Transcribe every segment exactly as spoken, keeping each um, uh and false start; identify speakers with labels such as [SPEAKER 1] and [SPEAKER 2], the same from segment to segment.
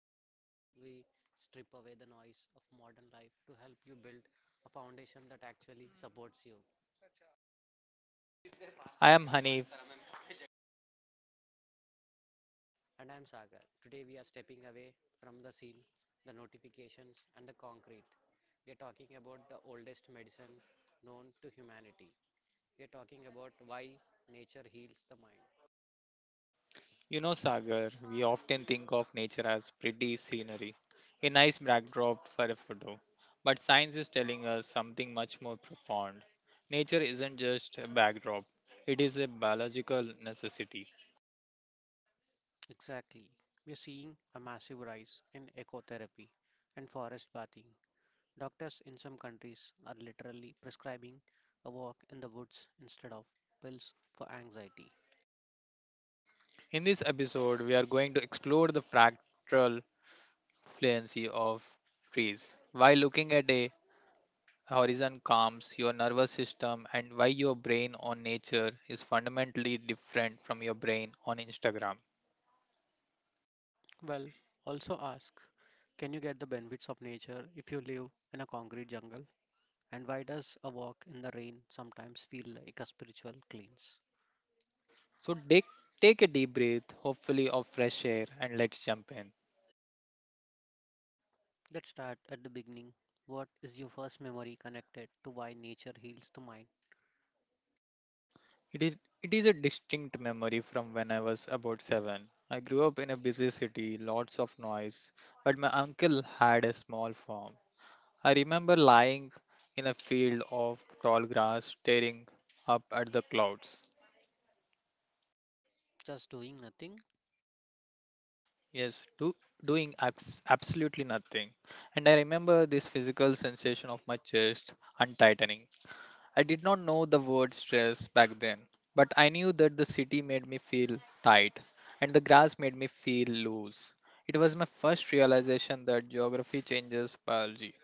[SPEAKER 1] the show where we strip away the noise of modern life to help you build a foundation that actually supports you.
[SPEAKER 2] I am Hanif.
[SPEAKER 1] And I'm Sagar. Today we are stepping away from the scenes, the notifications, and the concrete. We are talking about the oldest medicine known to humanity. We are talking about why nature heals the mind.
[SPEAKER 2] You know, Sagar, we often think of nature as pretty scenery, a nice backdrop for a photo. But science is telling us something much more profound. Nature isn't just a backdrop, it is a biological necessity.
[SPEAKER 1] Exactly. We're seeing a massive rise in ecotherapy and forest bathing. Doctors in some countries are literally prescribing a walk in the woods instead of pills for anxiety.
[SPEAKER 2] In this episode, we are going to explore the fractal fluency of trees. Why looking at a horizon calms your nervous system and why your brain on nature is fundamentally different from your brain on Instagram.
[SPEAKER 1] Well, also ask, can you get the benefits of nature if you live in a concrete jungle? And why does a walk in the rain sometimes feel like a spiritual cleanse?
[SPEAKER 2] So take take a deep breath, hopefully of fresh air, and let's jump in.
[SPEAKER 1] Let's start at the beginning. What is your first memory connected to why nature heals the mind?
[SPEAKER 2] It is it is a distinct memory from when I was about seven. I grew up in a busy city, lots of noise, but my uncle had a small farm. I remember lying in a field of tall grass, staring up at the clouds.
[SPEAKER 1] Just doing nothing.
[SPEAKER 2] Yes, do, doing abs- absolutely nothing. And I remember this physical sensation of my chest untightening. I did not know the word stress back then, but I knew that the city made me feel tight and the grass made me feel loose. It was my first realization that geography changes biology.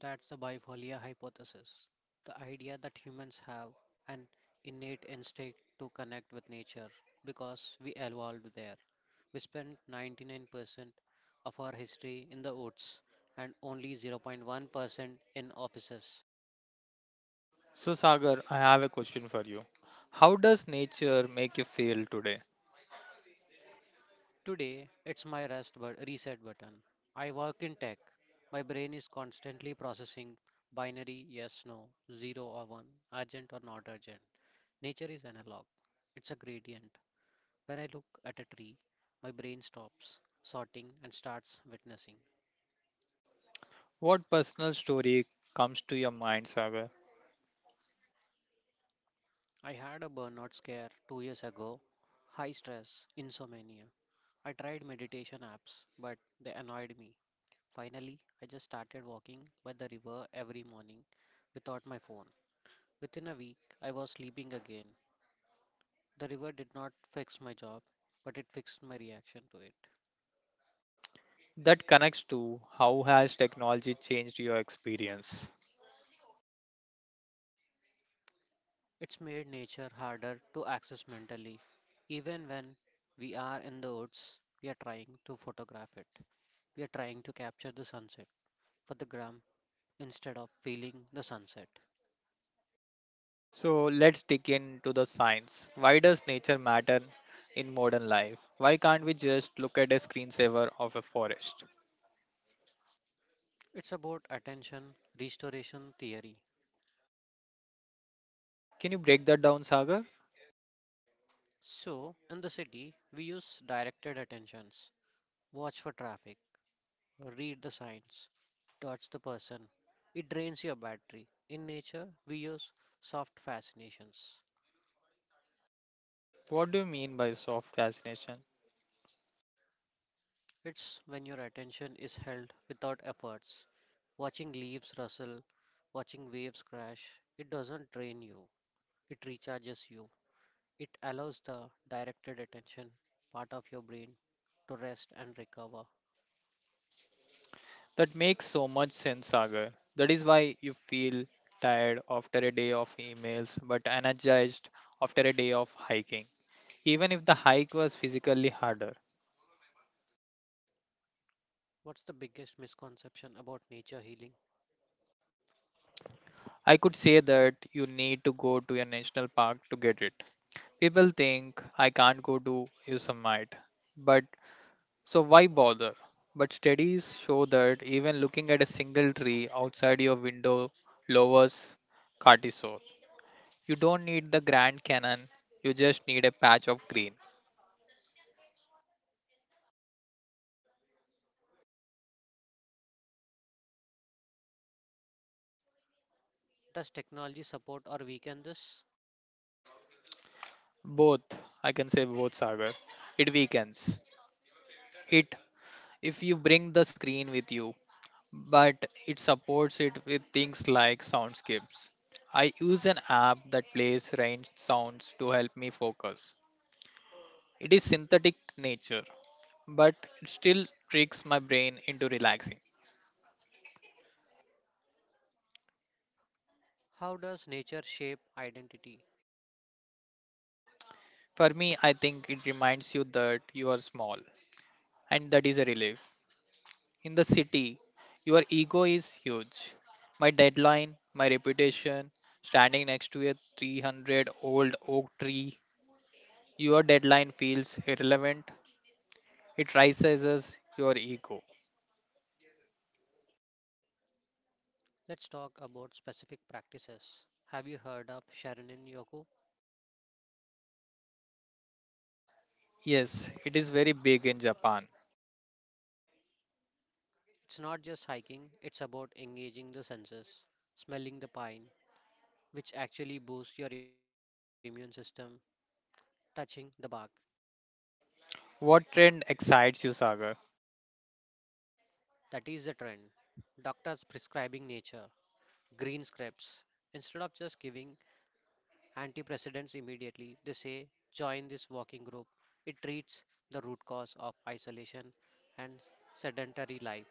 [SPEAKER 1] That's the bifolia hypothesis, the idea that humans have an innate instinct to connect with nature because we evolved there. We spent ninety-nine percent of our history in the woods and only zero point one percent in offices.
[SPEAKER 2] So, Sagar, I have a question for you. How does nature make you feel today?
[SPEAKER 1] Today, it's my rest but reset button. I work in tech. My brain is constantly processing binary, yes, no, zero or one, urgent or not urgent. Nature is analog, it's a gradient. When I look at a tree, my brain stops sorting and starts witnessing.
[SPEAKER 2] What personal story comes to your mind, Sagar,
[SPEAKER 1] I had a burnout scare two years ago, high stress, insomnia. I tried meditation apps, but they annoyed me. Finally, I just started walking by the river every morning without my phone. Within a week, I was sleeping again. The river did not fix my job, but it fixed my reaction to it.
[SPEAKER 2] that connects to how has technology changed your experience?
[SPEAKER 1] It's made nature harder to access mentally. Even when we are in the woods, we are trying to photograph it. We are trying to capture the sunset for the gram instead of feeling the sunset.
[SPEAKER 2] So let's dig into the science. Why does nature matter in modern life? Why can't we just look at a screensaver of a forest?
[SPEAKER 1] It's about attention restoration theory.
[SPEAKER 2] Can you break that down, Sagar?
[SPEAKER 1] So, in the city, we use directed attentions. Watch for traffic, read the signs, touch the person. It drains your battery. In nature, we use soft fascinations.
[SPEAKER 2] What do you mean by soft fascination?
[SPEAKER 1] It's when your attention is held without efforts. Watching leaves rustle, watching waves crash, it doesn't drain you, it recharges you. It allows the directed attention part of your brain to rest and recover.
[SPEAKER 2] That makes so much sense, Sagar. That is why you feel tired after a day of emails but energized after a day of hiking, even if the hike was physically harder.
[SPEAKER 1] What's the biggest misconception about nature healing?
[SPEAKER 2] I could say that you need to go to a national park to get it. People think I can't go to Yosemite, but so why bother? But studies show that even looking at a single tree outside your window lowers cortisol. You don't need the Grand Canyon, you just need a patch of green.
[SPEAKER 1] Does technology support or weaken this?
[SPEAKER 2] Both, I can say both, Sagar. It weakens. It, if you bring the screen with you, but it supports it with things like soundscapes. I use an app that plays range sounds to help me focus. It is synthetic nature, but it still tricks my brain into relaxing.
[SPEAKER 1] How does nature shape identity?
[SPEAKER 2] For me, I think it reminds you that you are small, and that is a relief. In the city, your ego is huge. My deadline, my reputation, standing next to a three hundred old oak tree, your deadline feels irrelevant. It rises your ego.
[SPEAKER 1] Let's talk about specific practices. Have you heard of Sharonin Yoku?
[SPEAKER 2] Yes, it is very big in Japan.
[SPEAKER 1] It's not just hiking, it's about engaging the senses, smelling the pine, which actually boosts your immune system, touching the bark.
[SPEAKER 2] What trend excites you, Sagar?
[SPEAKER 1] That is the trend. Doctors prescribing nature, green scraps. Instead of just giving antidepressants immediately, they say join this walking group. It treats the root cause of isolation and sedentary life,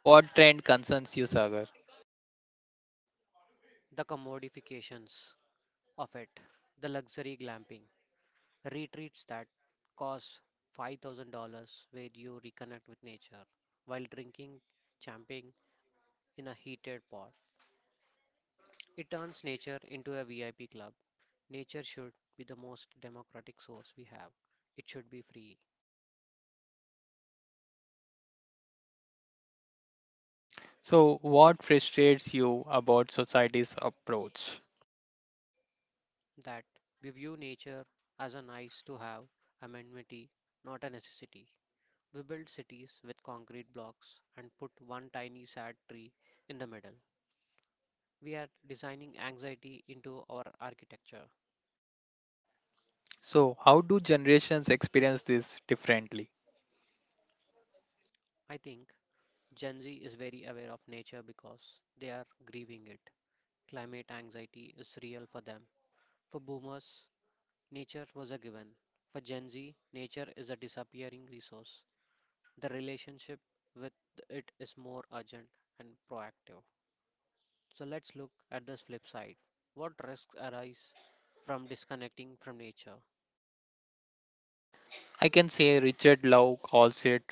[SPEAKER 2] What trend concerns you, Sagar?
[SPEAKER 1] the commodifications of it, the luxury glamping, retreats that cost five thousand dollars where you reconnect with nature while drinking champagne in a heated pot. It turns nature into a V I P club. Nature should be the most democratic source we have. It should be free.
[SPEAKER 2] So, what frustrates you about society's approach?
[SPEAKER 1] That we view nature as a nice to have amenity, not a necessity. We build cities with concrete blocks and put one tiny sad tree in the middle. We are designing anxiety into our architecture.
[SPEAKER 2] So, how do generations experience this differently?
[SPEAKER 1] I think Gen Z is very aware of nature because they are grieving it. Climate anxiety is real for them. For boomers, nature was a given. For Gen Z, nature is a disappearing resource. The relationship with it is more urgent and proactive. So let's look at this flip side. What risks arise from disconnecting from nature?
[SPEAKER 2] I can say Richard Lowe calls it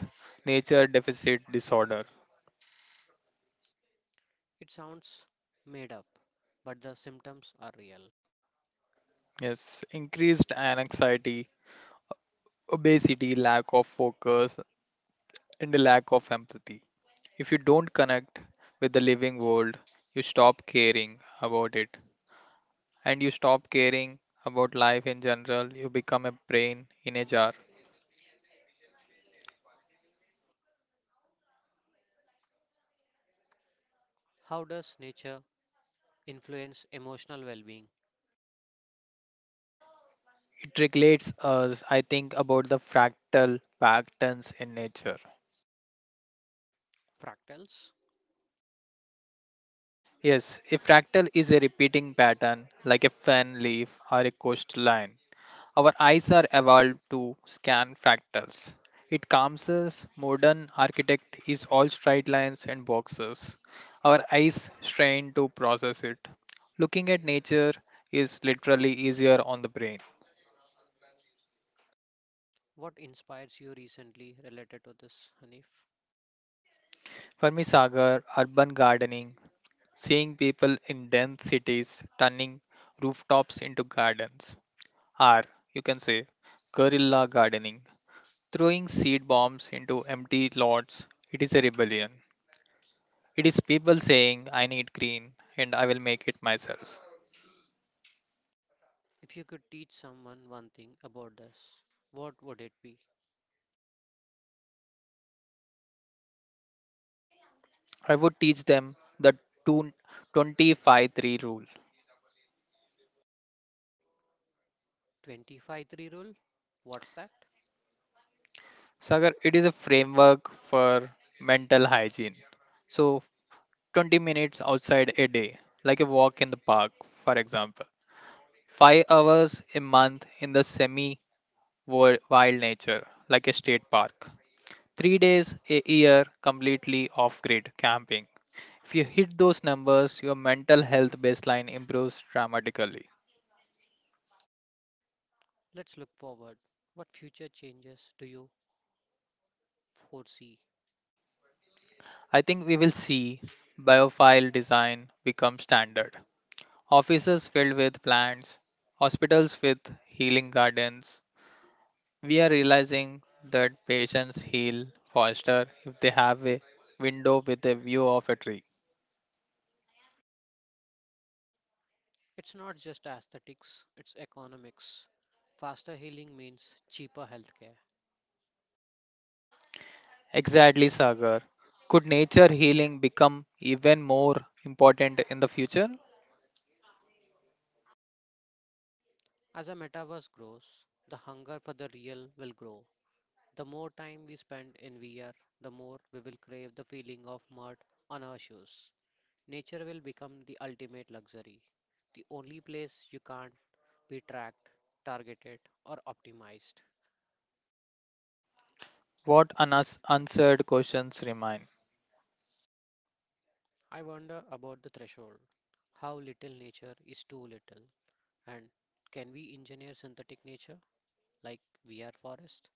[SPEAKER 2] nature deficit disorder.
[SPEAKER 1] It sounds made up, but the symptoms are real.
[SPEAKER 2] Yes, increased anxiety, obesity, lack of focus, and the lack of empathy. If you don't connect with the living world, you stop caring about it. And you stop caring about life in general, you become a brain in a jar.
[SPEAKER 1] How does nature influence emotional well being?
[SPEAKER 2] It regulates us, I think, about the fractal patterns in nature.
[SPEAKER 1] Fractals?
[SPEAKER 2] Yes, a fractal is a repeating pattern like a fan leaf or a coastline. Our eyes are evolved to scan fractals. It calms us. Modern architect is all straight lines and boxes. Our eyes strain to process it. Looking at nature is literally easier on the brain.
[SPEAKER 1] What inspires you recently related to this, Hanif?
[SPEAKER 2] For me, Sagar, urban gardening, seeing people in dense cities turning rooftops into gardens, or you can say guerrilla gardening, throwing seed bombs into empty lots, it is a rebellion. It is people saying, I need green and I will make it myself.
[SPEAKER 1] If you could teach someone one thing about this, what would it be?
[SPEAKER 2] I would teach them the two twenty-five three rule.
[SPEAKER 1] twenty-five three rule? What's that?
[SPEAKER 2] Sagar, it is a framework for mental hygiene. So, twenty minutes outside a day, like a walk in the park, for example. five hours a month in the semi wild nature, like a state park. Three days a year completely off grid camping. If you hit those numbers, your mental health baseline improves dramatically.
[SPEAKER 1] Let's look forward. What future changes do you foresee?
[SPEAKER 2] I think we will see biophile design become standard. Offices filled with plants, hospitals with healing gardens. We are realizing that patients heal faster if they have a window with a view of a tree.
[SPEAKER 1] It's not just aesthetics, it's economics. Faster healing means cheaper healthcare.
[SPEAKER 2] Exactly, Sagar. Could nature healing become even more important in the future?
[SPEAKER 1] As a metaverse grows, the hunger for the real will grow. The more time we spend in V R, the more we will crave the feeling of mud on our shoes. Nature will become the ultimate luxury, the only place you can't be tracked, targeted, or optimized.
[SPEAKER 2] What unanswered questions remain?
[SPEAKER 1] I wonder about the threshold. How little nature is too little, and can we engineer synthetic nature like we are forest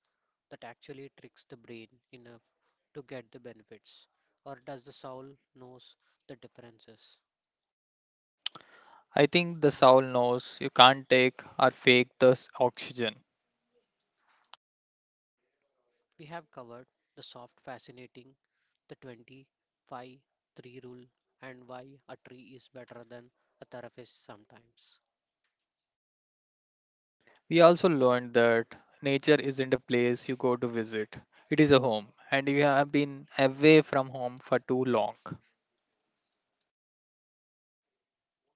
[SPEAKER 1] that actually tricks the brain enough to get the benefits? Or does the soul knows the differences?
[SPEAKER 2] I think the soul knows you can't take or fake this oxygen.
[SPEAKER 1] We have covered the soft fascinating, the twenty-five three rule, and why a tree is better than a therapist sometimes.
[SPEAKER 2] We also learned that nature isn't a place you go to visit, it is a home, and you have been away from home for too long.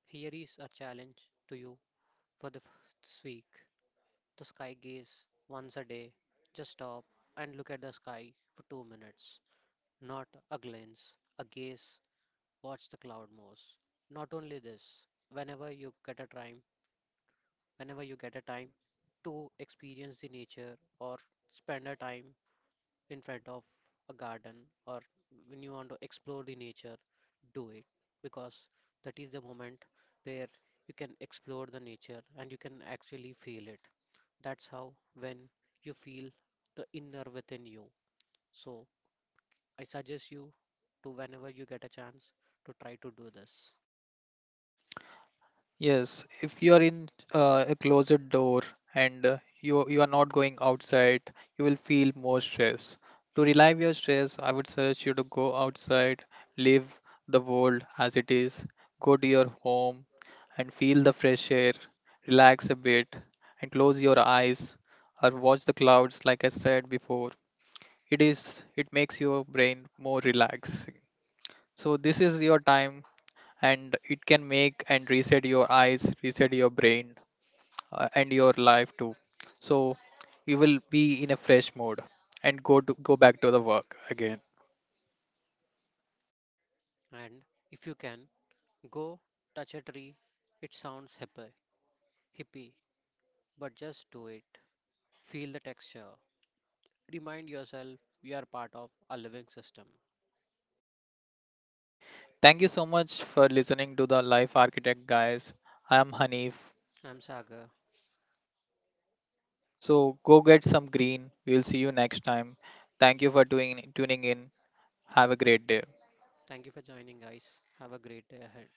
[SPEAKER 1] Here is a challenge to you. For the first week, the sky gaze once a day. Just stop and look at the sky for two minutes. Not a glance, a gaze. Watch the cloud moves. Not only this, whenever you get a time, whenever you get a time to experience the nature or spend a time in front of a garden or when you want to explore the nature, do it, because that is the moment where you can explore the nature and you can actually feel it. That's how when you feel the inner within you. So I suggest you to whenever you get a chance to try to do this.
[SPEAKER 2] Yes, if you are in uh, a closet door and uh, you you are not going outside, you will feel more stress. To relieve your stress, I would suggest you to go outside, leave the world as it is, go to your home and feel the fresh air, relax a bit and close your eyes or watch the clouds like I said before. It is it makes your brain more relaxing. So this is your time and it can make and reset your eyes, reset your brain uh, and your life too. So you will be in a fresh mode and go to go back to the work again.
[SPEAKER 1] And if you can, go touch a tree. It sounds hippie, hippie, but just do it. Feel the texture. Remind yourself we are part of a living system.
[SPEAKER 2] Thank you so much for listening to the Life Architect guys. I am Hanif.
[SPEAKER 1] I'm Sagar.
[SPEAKER 2] So go get some green. We'll see you next time. Thank you for doing tuning in. Have a great day.
[SPEAKER 1] Thank you for joining, guys. Have a great day ahead.